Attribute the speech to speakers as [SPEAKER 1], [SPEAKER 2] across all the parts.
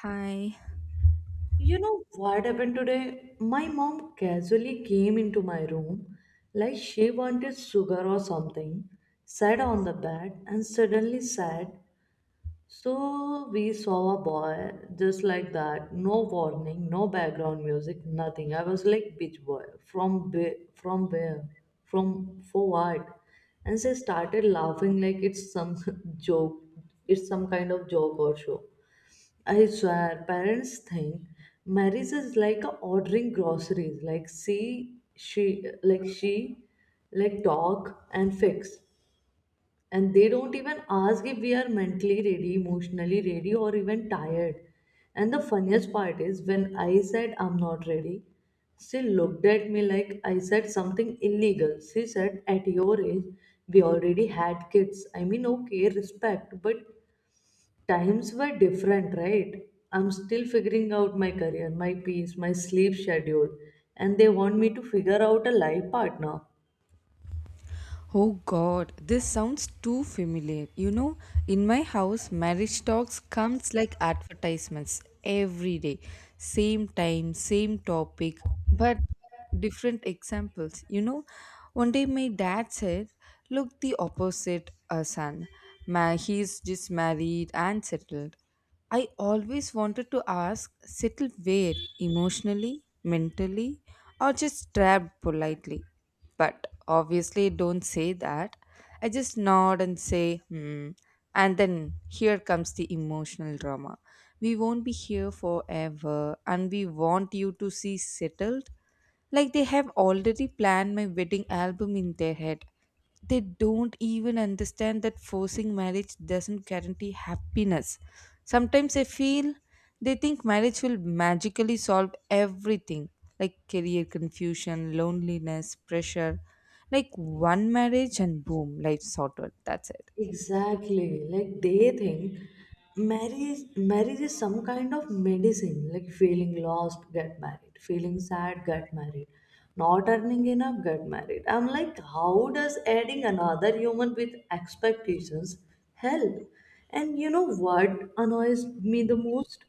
[SPEAKER 1] Hi.
[SPEAKER 2] You know what happened today? My mom casually came into my room like she wanted sugar or something, sat on the bed, and suddenly said, so we saw a boy just like that, no warning, no background music, nothing. I was like, "Bitch boy, from where, from for what?" And she started laughing like it's some joke, it's some kind of joke or show. I swear, parents think marriage is like a ordering groceries, like see, she, like talk and fix. And they don't even ask if we are mentally ready, emotionally ready, or even tired. And the funniest part is when I said I'm not ready, she looked at me like I said something illegal. She said at your age we already had kids. I mean, okay, respect, but times were different, right? I'm still figuring out my career, my peace, my sleep schedule, and they want me to figure out a life partner.
[SPEAKER 1] Oh god, this sounds too familiar. You know, in my house, marriage talks comes like advertisements every day. Same time, same topic, but, different examples. You know, one day my dad said, "Look, the opposite, son. He's just married and settled." I always wanted to ask, settle where? Emotionally, mentally, or just trapped politely? But obviously don't say that. I just nod and say, hmm. And then here comes the emotional drama. We won't be here forever, and we want you to see settled. Like they have already planned my wedding album in their head. They don't even understand that forcing marriage doesn't guarantee happiness. Sometimes I feel they think marriage will magically solve everything like career confusion, loneliness, pressure. Like one marriage and boom, life's sorted. That's it.
[SPEAKER 2] Exactly. Like they think marriage is some kind of medicine. Like feeling lost, get married. Feeling sad, get married. Not earning enough, get married. I'm like, how does adding another human with expectations help? And you know what annoys me the most?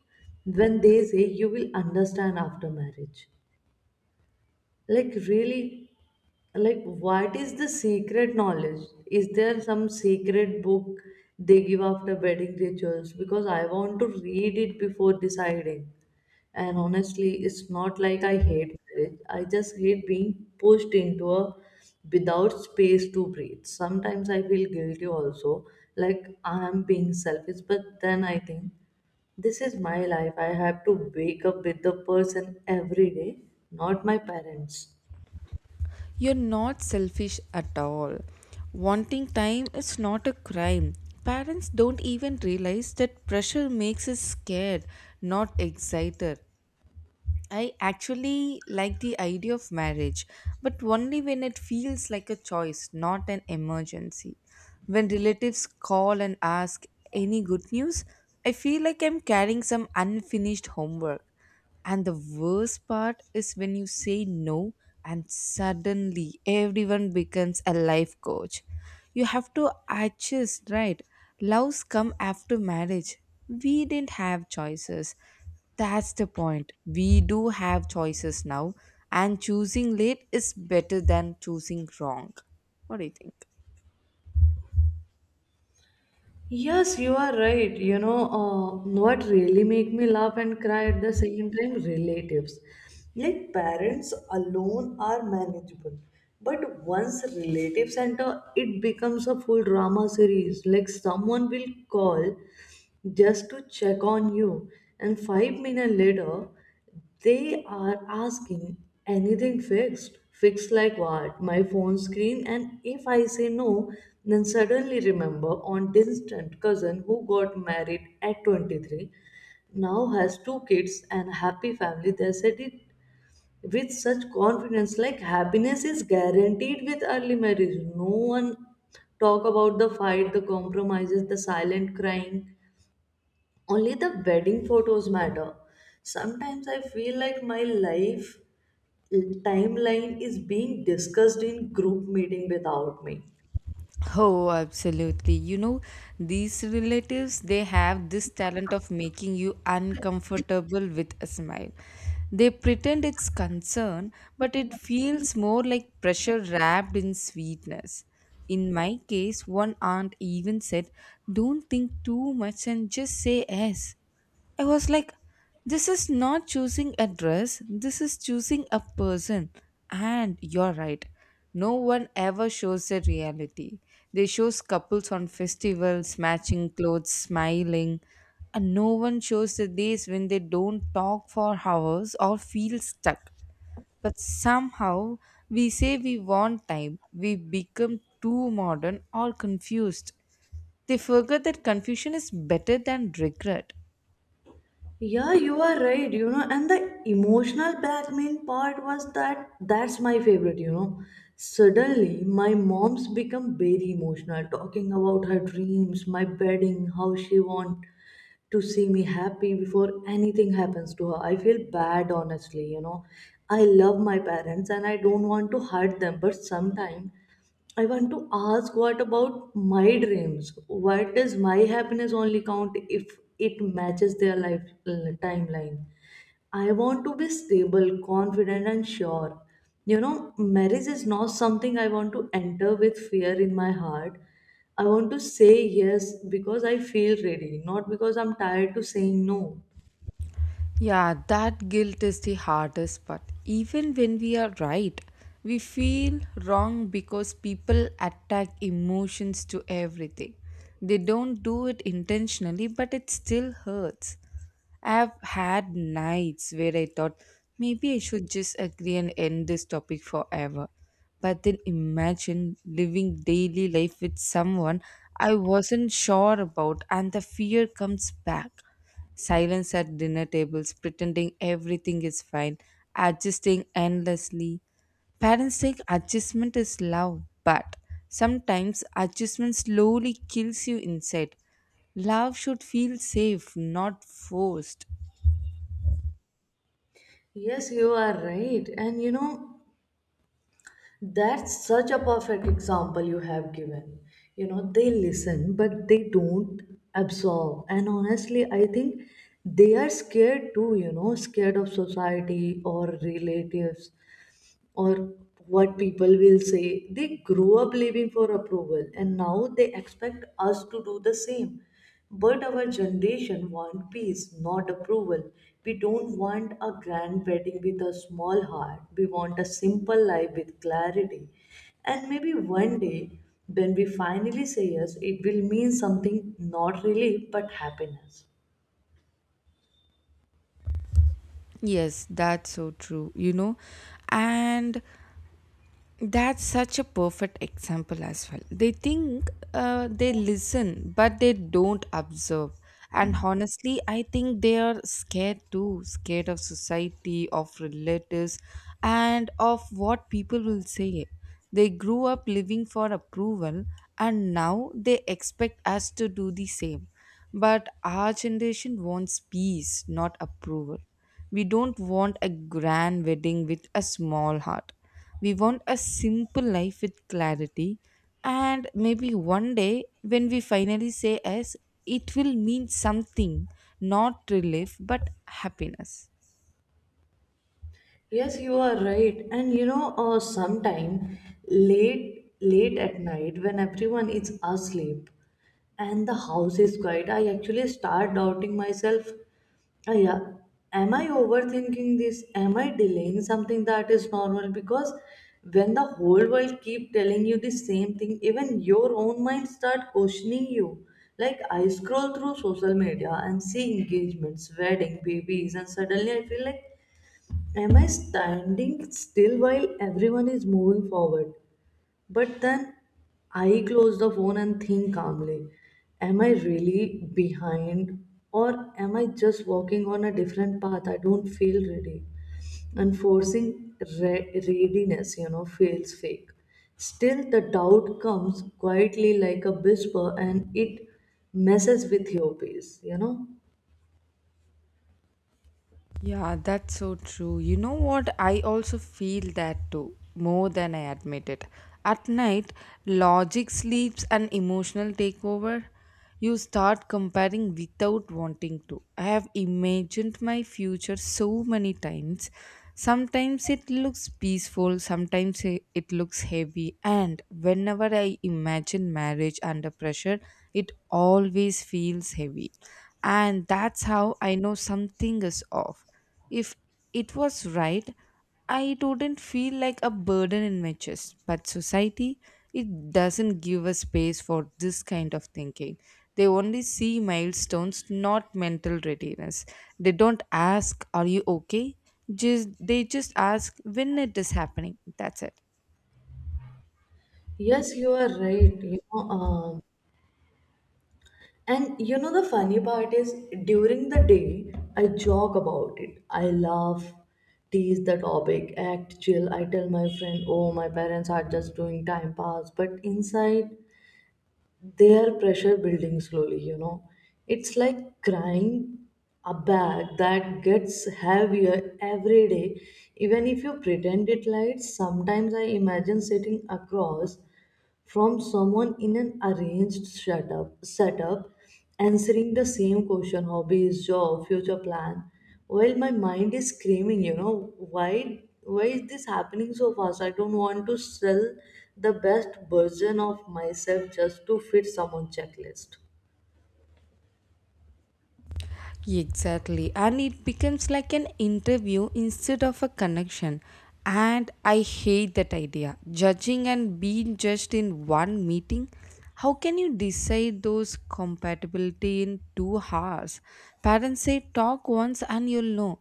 [SPEAKER 2] When they say you will understand after marriage, like really? Like what is the secret knowledge? Is there some secret book they give after wedding rituals, because I want to read it before deciding? And honestly, it's not like I hate marriage, I just hate being pushed into a without space to breathe. Sometimes I feel guilty also, like I am being selfish, but then I think this is my life. I have to wake up with the person every day, not my parents.
[SPEAKER 1] You're not selfish at all. Wanting time is not a crime. Parents don't even realize that pressure makes us scared, not excited. I actually like the idea of marriage, but only when it feels like a choice, not an emergency. When relatives call and ask, any good news? I feel like I'm carrying some unfinished homework. And the worst part is when you say no, and suddenly everyone becomes a life coach. You have to adjust, right? Loves come after marriage. We didn't have choices. That's the point. We do have choices now, and choosing late is better than choosing wrong. What do you think?
[SPEAKER 2] Yes, you are right. You know, what really make me laugh and cry at the same time? Relatives. Like parents alone are manageable. But once relatives enter, it becomes a full drama series. Like someone will call just to check on you and 5 minutes later they are asking anything fixed fixed, like what, my phone screen? And if I say no, then suddenly remember on distant cousin who got married at 23, now has 2 kids and a happy family. They said it with such confidence, like happiness is guaranteed with early marriage. No one talk about the fight, the compromises, the silent crying, only the wedding photos matter. Sometimes I feel like my life timeline is being discussed in group meeting without me.
[SPEAKER 1] Oh, absolutely. You know, these relatives, they have this talent of making you uncomfortable with a smile. They pretend it's concern, but it feels more like pressure wrapped in sweetness. In my case, one aunt even said, don't think too much and just say yes. I was like, this is not choosing a dress, this is choosing a person. And you're right. No one ever shows the reality. They shows couples on festivals, matching clothes, smiling, and no one shows the days when they don't talk for hours or feel stuck. But somehow we say we want time. We become too modern or confused. They forget that confusion is better than regret.
[SPEAKER 2] Yeah, you are right, you know. And the emotional blackmail part was that's my favorite, you know. Suddenly my mom's become very emotional talking about her dreams, my wedding, how she want to see me happy before anything happens to her. I feel bad, honestly, you know. I love my parents and I don't want to hurt them, but sometimes I want to ask, what about my dreams? What does my happiness only count if it matches their life timeline? I want to be stable, confident, and sure. You know, marriage is not something I want to enter with fear in my heart. I want to say yes because I feel ready, not because I'm tired to saying no.
[SPEAKER 1] Yeah, that guilt is the hardest part. Even when we are right, we feel wrong because people attack emotions to everything. They don't do it intentionally, but it still hurts. I've had nights where I thought maybe I should just agree and end this topic forever. But then imagine living daily life with someone I wasn't sure about, and the fear comes back. Silence at dinner tables, pretending everything is fine, adjusting endlessly. Parents think adjustment is love, but sometimes adjustment slowly kills you inside. Love should feel safe, not forced.
[SPEAKER 2] Yes, you are right. And you know, that's such a perfect example you have given. You know, they listen, but they don't absorb. And honestly, I think they are scared too, you know, scared of society or relatives or what people will say. They grow up living for approval and now they expect us to do the same. But our generation want peace, not approval. We don't want a grand wedding with a small heart. We want a simple life with clarity. And maybe one day, when we finally say yes, it will mean something, not relief but happiness.
[SPEAKER 1] Yes, that's so true, you know. And that's such a perfect example as well. They think they listen, but they don't observe. And honestly, I think they are scared too, scared of society, of relatives, and of what people will say. They grew up living for approval, and now they expect us to do the same. But our generation wants peace, not approval. We don't want a grand wedding with a small heart, we want a simple life with clarity. And maybe one day, when we finally say yes, it will mean something, not relief but happiness.
[SPEAKER 2] Yes, you are right. And you know, sometime late at night when everyone is asleep and the house is quiet, I actually start doubting myself. "Ah, yeah, am I overthinking this? Am I delaying something that is normal?" Because when the whole world keep telling you the same thing, even your own mind start questioning you. Like I scroll through social media and see engagements, wedding, babies, and suddenly I feel like, am I standing still while everyone is moving forward? But then I close the phone and think calmly, am I really behind or am I just walking on a different path? I don't feel ready. And forcing readiness, you know, feels fake. Still, the doubt comes quietly like a whisper and it messes with your peace, you know.
[SPEAKER 1] Yeah, that's so true. You know what? I also feel that too, more than I admit it. At night, logic sleeps and emotional takeover. You start comparing without wanting to. I have imagined my future so many times. Sometimes it looks peaceful, sometimes it looks heavy, and whenever I imagine marriage under pressure, it always feels heavy and that's how I know something is off. If it was right, I wouldn't feel like a burden in my chest. But society, it doesn't give a space for this kind of thinking. They only see milestones, not mental readiness. They don't ask, "Are you okay?" Just they just ask when it is happening. That's it.
[SPEAKER 2] Yes, you are right. You know, and you know, the funny part is during the day, I joke about it. I laugh, tease the topic, act chill. I tell my friend, oh, my parents are just doing time pass. But inside, they are pressure building slowly, you know. It's like crying a bag that gets heavier every day. Even if you pretend it light, sometimes I imagine sitting across from someone in an arranged setup, setup, answering the same question, hobbies, job, future plan. While my mind is screaming, you know, why is this happening so fast? I don't want to sell the best version of myself just to fit someone's checklist.
[SPEAKER 1] Exactly, and it becomes like an interview instead of a connection. And I hate that idea. Judging and being judged in one meeting. How can you decide those compatibility in 2 hours? Parents say talk once and you'll know.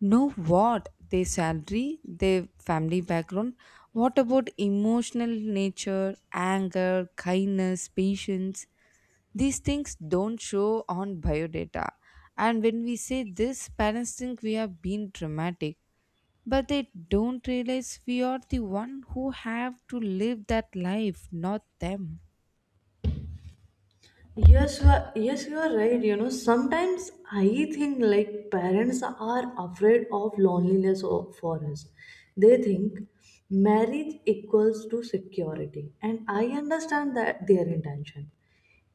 [SPEAKER 1] Know what? Their salary, their family background. What about emotional nature, anger, kindness, patience? These things don't show on biodata. And when we say this, parents think we have been dramatic, but they don't realize we are the one who have to live that life, not them.
[SPEAKER 2] Yes, you are right. You know, sometimes I think like parents are afraid of loneliness for us. They think marriage equals to security, and I understand that their intention.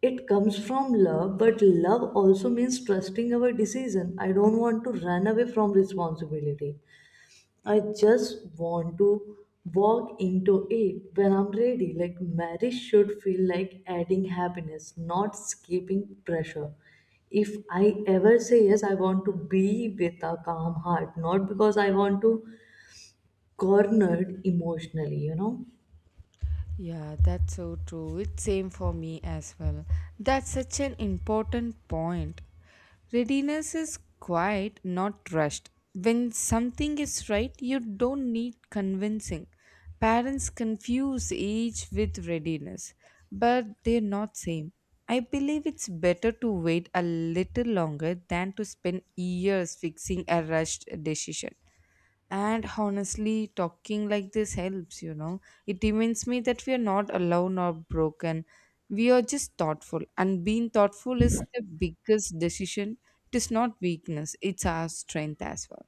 [SPEAKER 2] It comes from love, but love also means trusting our decision. I don't want to run away from responsibility. I just want to walk into it when I'm ready. Like marriage should feel like adding happiness, not skipping pressure. If I ever say yes, I want to be with a calm heart, not because I want to cornered emotionally, you know.
[SPEAKER 1] Yeah, that's so true. It's same for me as well. That's such an important point. Readiness is quiet, not rushed. When something is right, you don't need convincing. Parents confuse age with readiness, but they're not same. I believe it's better to wait a little longer than to spend years fixing a rushed decision. And honestly, talking like this helps, you know. It reminds me that we are not alone or broken. We are just thoughtful. And being thoughtful is the biggest decision. It is not weakness, it's our strength as well.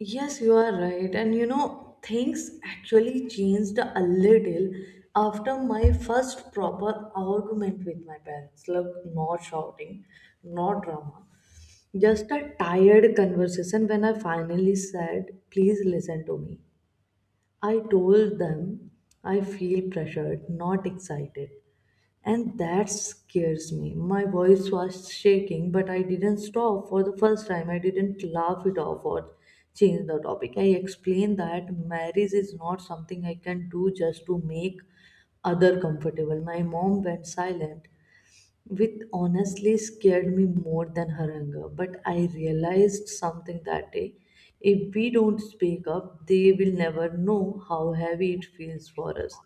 [SPEAKER 2] Yes, you are right. And you know, things actually changed a little after my first proper argument with my parents. Look, not shouting, not drama. Just a tired conversation when I finally said, please listen to me. I told them I feel pressured, not excited, and that scares me. My voice was shaking, but I didn't stop. For the first time, I didn't laugh it off or change the topic. I explained that marriage is not something I can do just to make other comfortable. My mom went silent, which honestly scared me more than her anger. But I realized something that day. If we don't speak up, they will never know how heavy it feels for us.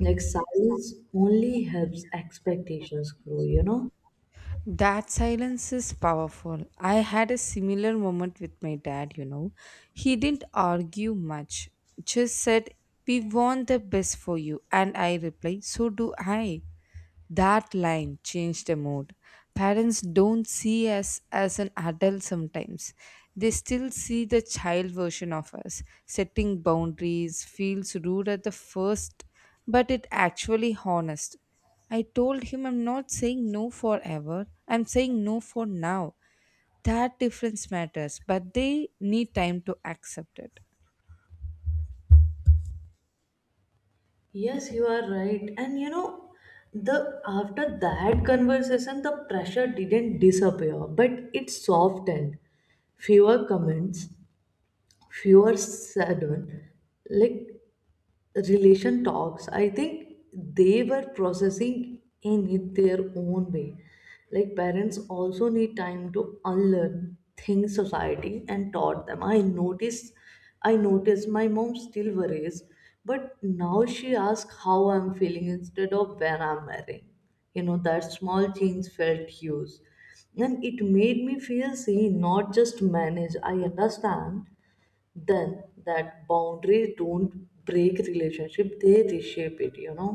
[SPEAKER 2] Like silence only helps expectations grow, you know?
[SPEAKER 1] That silence is powerful. I had a similar moment with my dad, you know. He didn't argue much, just said, we want the best for you. And I replied, so do I. That line changed the mood. Parents don't see us as an adult sometimes. They still see the child version of us. Setting boundaries feels rude at the first, but it actually honest. I told him I'm not saying no forever. I'm saying no for now. That difference matters, but they need time to accept it.
[SPEAKER 2] Yes, you are right. And you know, the after that conversation, the pressure didn't disappear, but it softened. Fewer comments, fewer sudden, like, relation talks. I think they were processing in it their own way. Like parents also need time to unlearn things society and taught them. I noticed my mom still worries, but now she asks how I'm feeling instead of when I'm marrying. You know, that small change felt huge, and it made me feel seen, not just managed. I understand then that boundaries don't break relationship, they reshape it, you know.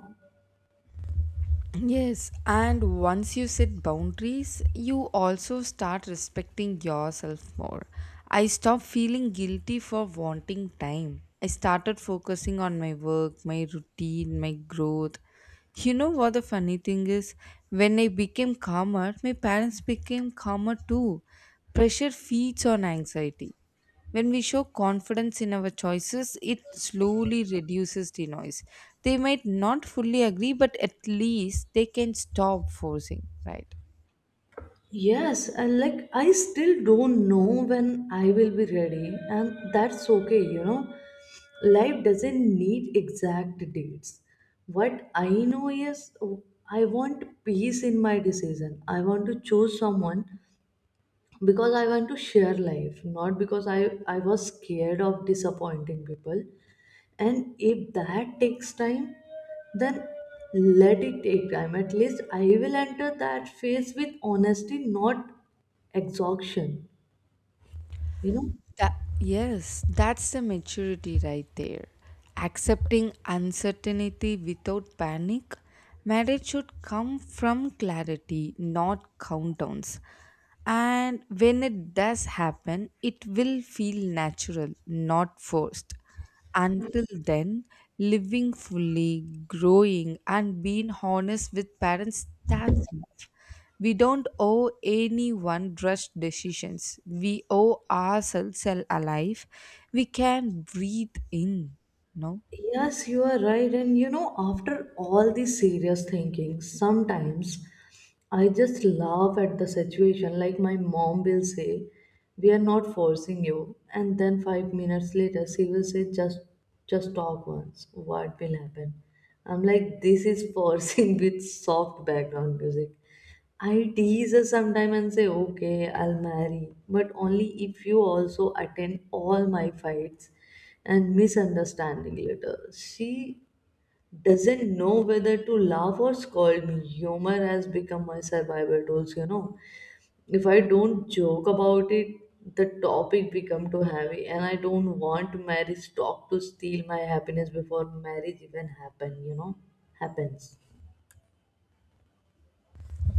[SPEAKER 1] Yes, and once you set boundaries, you also start respecting yourself more. I stopped feeling guilty for wanting time. I started focusing on my work, my routine, my growth. You know what the funny thing is? When I became calmer, my parents became calmer too. Pressure feeds on anxiety. When we show confidence in our choices, it slowly reduces the noise. They might not fully agree, but at least they can stop forcing, right?
[SPEAKER 2] Yes, and like I still don't know when I will be ready, and that's okay, you know. Life doesn't need exact dates. What I know is, oh, I want peace in my decision. I want to choose someone because I want to share life, not because I was scared of disappointing people. And if that takes time, then let it take time. At least I will enter that phase with honesty, not exhaustion, you know.
[SPEAKER 1] That, yes, that's the maturity right there. Accepting uncertainty without panic. Marriage should come from clarity, not countdowns. And when it does happen, it will feel natural, not forced. Until then, living fully, growing, and being honest with parents, that's enough. We don't owe anyone rushed decisions. We owe ourselves a life we can breathe in. No?
[SPEAKER 2] Yes, you are right. And you know, after all this serious thinking, sometimes I just laugh at the situation. Like my mom will say, "We are not forcing you," and then 5 minutes later, she will say, "Just talk once. What will happen?" I'm like, "This is forcing with soft background music." I tease her sometime and say, "Okay, I'll marry, but only if you also attend all my fights and misunderstanding later." She doesn't know whether to laugh or scold me. Humor has become my survival tools, you know. If I don't joke about it, the topic become too heavy, and I don't want marriage talk to steal my happiness before marriage even happen, you know. Happens.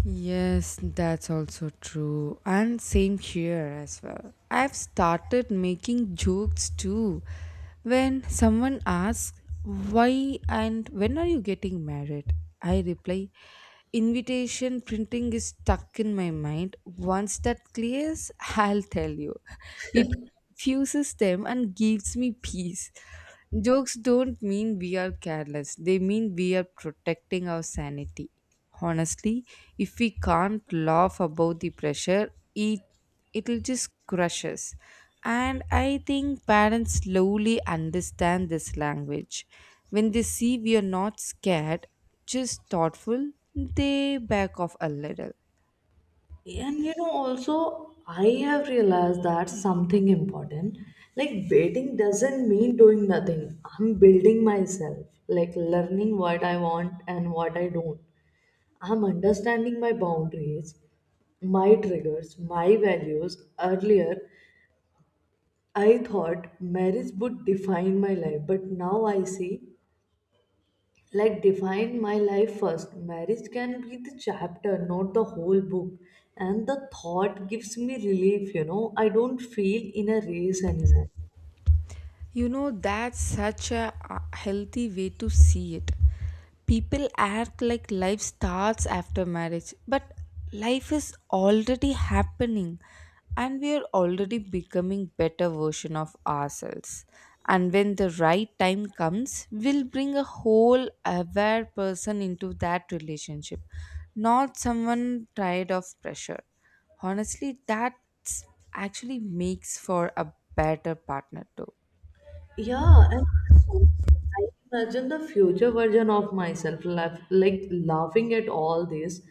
[SPEAKER 1] Yes, that's also true. And same here as well. I've started making jokes too. When someone asks, why and when are you getting married? I reply, invitation printing is stuck in my mind. Once that clears, I'll tell you. It confuses them and gives me peace. Jokes don't mean we are careless, they mean we are protecting our sanity. Honestly, if we can't laugh about the pressure, it'll just crush us. And I think parents slowly understand this language. When they see we are not scared, just thoughtful, they back off a little.
[SPEAKER 2] And you know, also, I have realized that something important. Like, waiting doesn't mean doing nothing. I'm building myself, like, learning what I want and what I don't. I'm understanding my boundaries, my triggers, my values. Earlier, I thought marriage would define my life, but now I see, like, define my life first. Marriage can be the chapter, not the whole book, and the thought gives me relief, you know? I don't feel in a race anymore.
[SPEAKER 1] You know, that's such a healthy way to see it. People act like life starts after marriage, but life is already happening and we are already becoming better version of ourselves. And when the right time comes, we'll bring a whole aware person into that relationship, not someone tired of pressure. Honestly, that actually makes for a better partner too.
[SPEAKER 2] Yeah, and sometimes I imagine the future version of myself, laugh, like laughing at all this,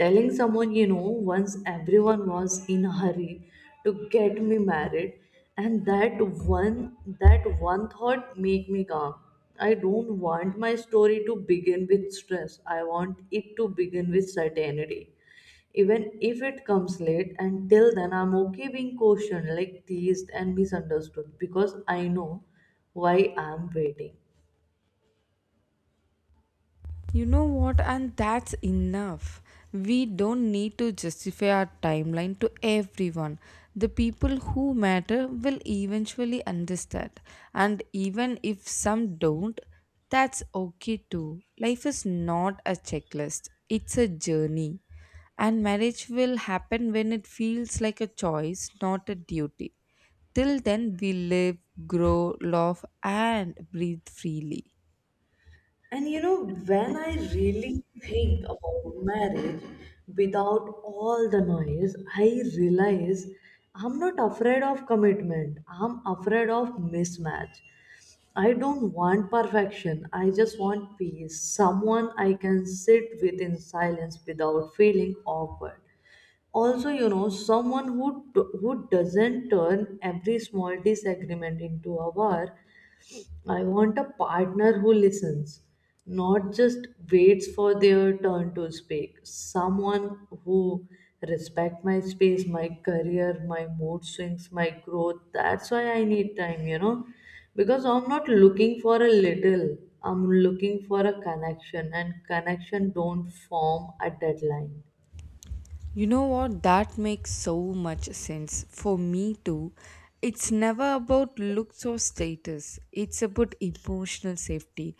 [SPEAKER 2] telling someone, you know, once everyone was in a hurry to get me married, and that one thought make me calm. I don't want my story to begin with stress. I want it to begin with certainty, even if it comes late. And till then, I'm okay being cautioned, like teased and misunderstood, because I know why I'm waiting.
[SPEAKER 1] You know what? And that's enough. We don't need to justify our timeline to everyone. The people who matter will eventually understand. And even if some don't, that's okay too. Life is not a checklist, it's a journey. And marriage will happen when it feels like a choice, not a duty. Till then, we live, grow, love, and breathe freely.
[SPEAKER 2] And you know, when I really think about marriage without all the noise, I realize I'm not afraid of commitment, I'm afraid of mismatch. I don't want perfection. I just want peace. Someone I can sit with in silence without feeling awkward. Also, you know, someone who doesn't turn every small disagreement into a war. I want a partner who listens, not just waits for their turn to speak. Someone who respect my space, my career, my mood swings, my growth. That's why I need time, you know, because I'm not looking for a little. I'm looking for a connection, and connection don't form a deadline.
[SPEAKER 1] You know what? That makes so much sense. For me too. It's never about looks or status, it's about emotional safety.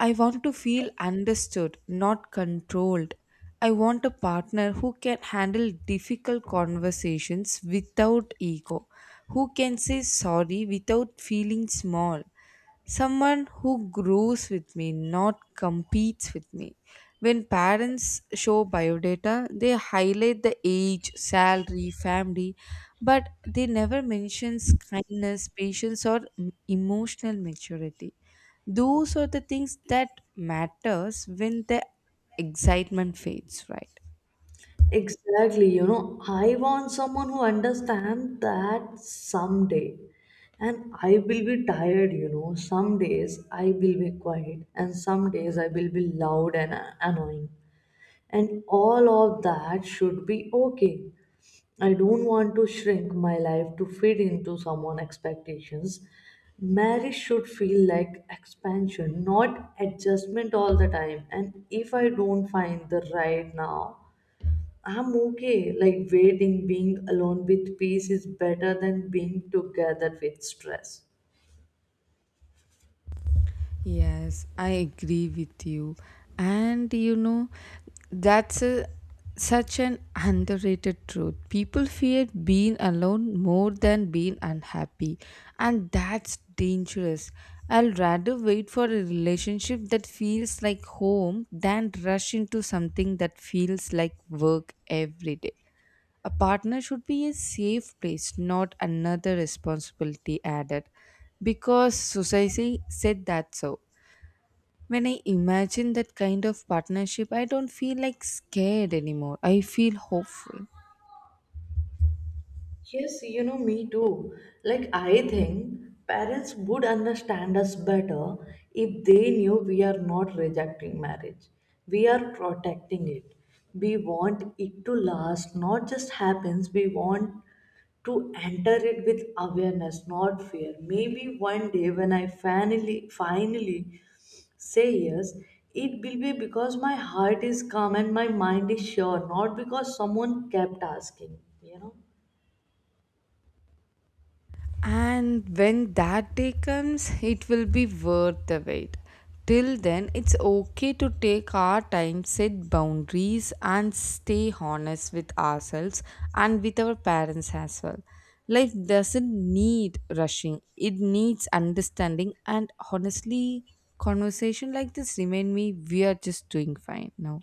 [SPEAKER 1] I want to feel understood, not controlled. I want a partner who can handle difficult conversations without ego, who can say sorry without feeling small, someone who grows with me, not competes with me. When parents show biodata, they highlight the age, salary, family, but they never mentions kindness, patience, or emotional maturity. Those are the things that matters when the excitement fades, right?
[SPEAKER 2] Exactly, you know, I want someone who understands that someday. And I will be tired, you know. Some days I will be quiet, and some days I will be loud and annoying. And all of that should be okay. I don't want to shrink my life to fit into someone's expectations. Marriage should feel like expansion, not adjustment all the time. And if I don't find the right now, I'm okay. Like waiting, being alone with peace is better than being together with stress.
[SPEAKER 1] Yes, I agree with you. And you know, that's a, such an underrated truth. People fear being alone more than being unhappy, and that's dangerous. I'll rather wait for a relationship that feels like home than rush into something that feels like work every day. A partner should be a safe place, not another responsibility added, because society said that. So when I imagine that kind of partnership, I don't feel like scared anymore. I feel hopeful.
[SPEAKER 2] Yes, you know, me too. Like, I think parents would understand us better if they knew we are not rejecting marriage, we are protecting it. We want it to last, not just happens. We want to enter it with awareness, not fear. Maybe one day, when I finally say yes, it will be because my heart is calm and my mind is sure, not because someone kept asking, you know.
[SPEAKER 1] And when that day comes, it will be worth the wait. Till then, it's okay to take our time, set boundaries, and stay honest with ourselves and with our parents as well. Life doesn't need rushing, it needs understanding. And honestly, conversation like this remind me we are just doing fine now.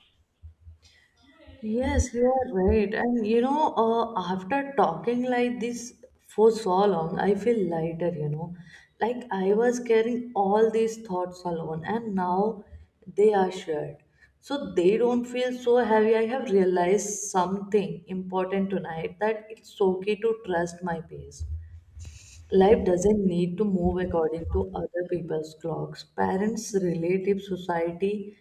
[SPEAKER 2] Yes, you are right. And you know, after talking like this for so long, I feel lighter, you know. Like I was carrying all these thoughts alone, and now they are shared. So they don't feel so heavy. I have realized something important tonight, that it's okay to trust my pace. Life doesn't need to move according to other people's clocks. Parents, relatives, society,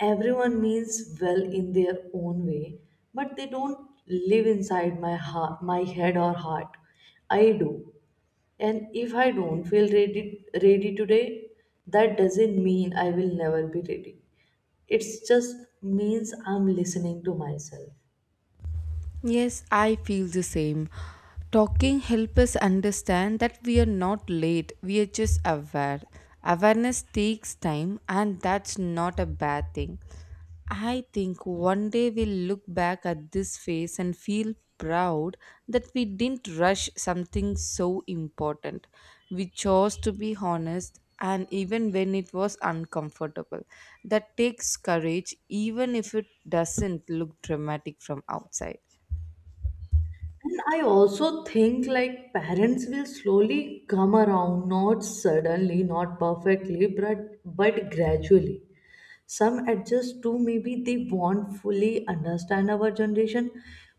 [SPEAKER 2] everyone means well in their own way, but they don't live inside my heart, my head or heart. I do. And if I don't feel ready today, that doesn't mean I will never be ready. It just means I'm listening to myself.
[SPEAKER 1] Yes, I feel the same. Talking helps us understand that we are not late, we are just aware. Awareness takes time, and that's not a bad thing. I think one day we'll look back at this phase and feel proud that we didn't rush something so important. We chose to be honest, and even when it was uncomfortable. That takes courage, even if it doesn't look dramatic from outside.
[SPEAKER 2] And I also think, like, parents will slowly come around, not suddenly, not perfectly, but gradually. Some adjust too. Maybe they won't fully understand our generation,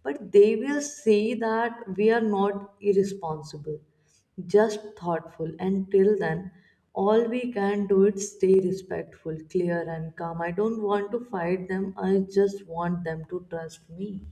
[SPEAKER 2] but they will see that we are not irresponsible, just thoughtful. And till then, all we can do is stay respectful, clear and calm. I don't want to fight them, I just want them to trust me.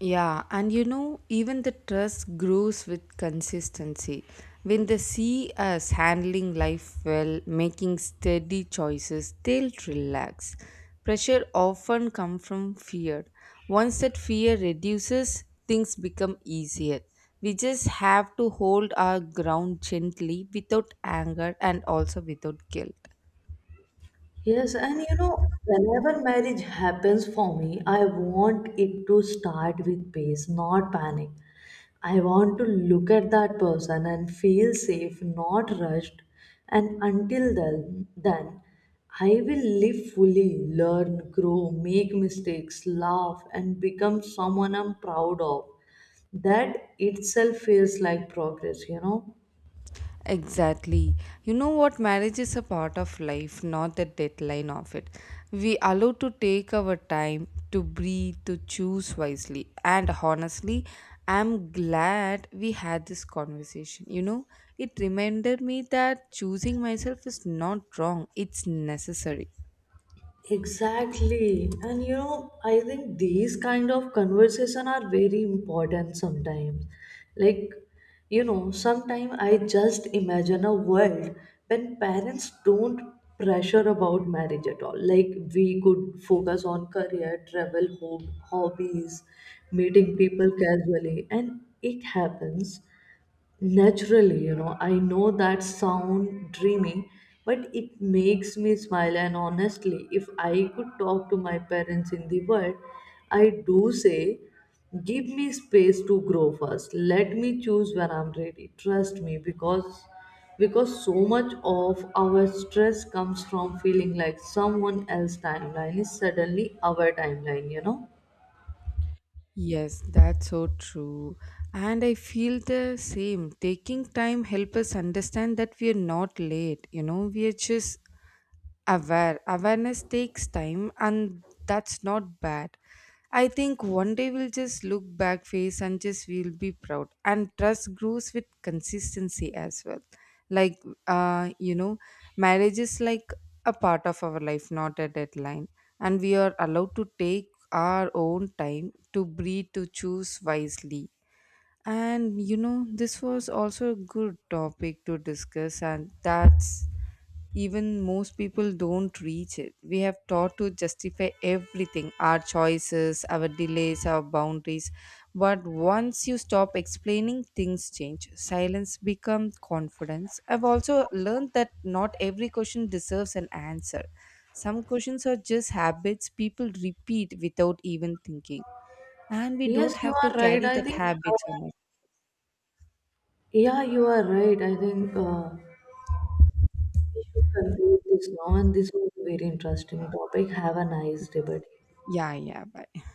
[SPEAKER 1] Yeah, and you know, even the trust grows with consistency. When they see us handling life well, making steady choices, they'll relax. Pressure often comes from fear. Once that fear reduces, things become easier. We just have to hold our ground gently without anger and also without guilt.
[SPEAKER 2] Yes, and you know, whenever marriage happens for me, I want it to start with peace, not panic. I want to look at that person and feel safe, not rushed. And until then, I will live fully, learn, grow, make mistakes, laugh, and become someone I'm proud of. That itself feels like progress, you know?
[SPEAKER 1] Exactly. You know what? Marriage is a part of life, not the deadline of it. We allow to take our time to breathe, to choose wisely. And honestly, I'm glad we had this conversation. You know, it reminded me that choosing myself is not wrong, it's necessary.
[SPEAKER 2] Exactly. And you know, I think these kind of conversation are very important sometimes. Like, you know, sometimes I just imagine a world when parents don't pressure about marriage at all. Like we could focus on career, travel, hobbies, meeting people casually, and it happens naturally, you know? I know that sound dreamy, but it makes me smile. And honestly, if I could talk to my parents in the world, I do say, give me space to grow first. Let me choose when I'm ready. Trust me, because so much of our stress comes from feeling like someone else's timeline is suddenly our timeline. You know.
[SPEAKER 1] Yes, that's so true. And I feel the same. Taking time help us understand that we are not late. You know, we are just aware, awareness takes time and that's not bad. I think one day we'll just look back face and just we'll be proud, and trust grows with consistency as well. like uh you know Marriage is like a part of our life, not a deadline, and we are allowed to take our own time to breathe, to choose wisely. And you know, this was also a good topic to discuss, and that's, even most people don't reach it. We have taught to justify everything, our choices, our delays, our boundaries. But once you stop explaining, things change. Silence becomes confidence. I've also learned that not every question deserves an answer. Some questions are just habits people repeat without even thinking. And we
[SPEAKER 2] Yes,
[SPEAKER 1] don't
[SPEAKER 2] you
[SPEAKER 1] have to
[SPEAKER 2] are right.
[SPEAKER 1] carry
[SPEAKER 2] I
[SPEAKER 1] that
[SPEAKER 2] think.
[SPEAKER 1] habit
[SPEAKER 2] uh,
[SPEAKER 1] so much.
[SPEAKER 2] yeah, you are right. I think. We should conclude this now, and this was a very interesting topic. Have a nice day, buddy.
[SPEAKER 1] Yeah, yeah, bye.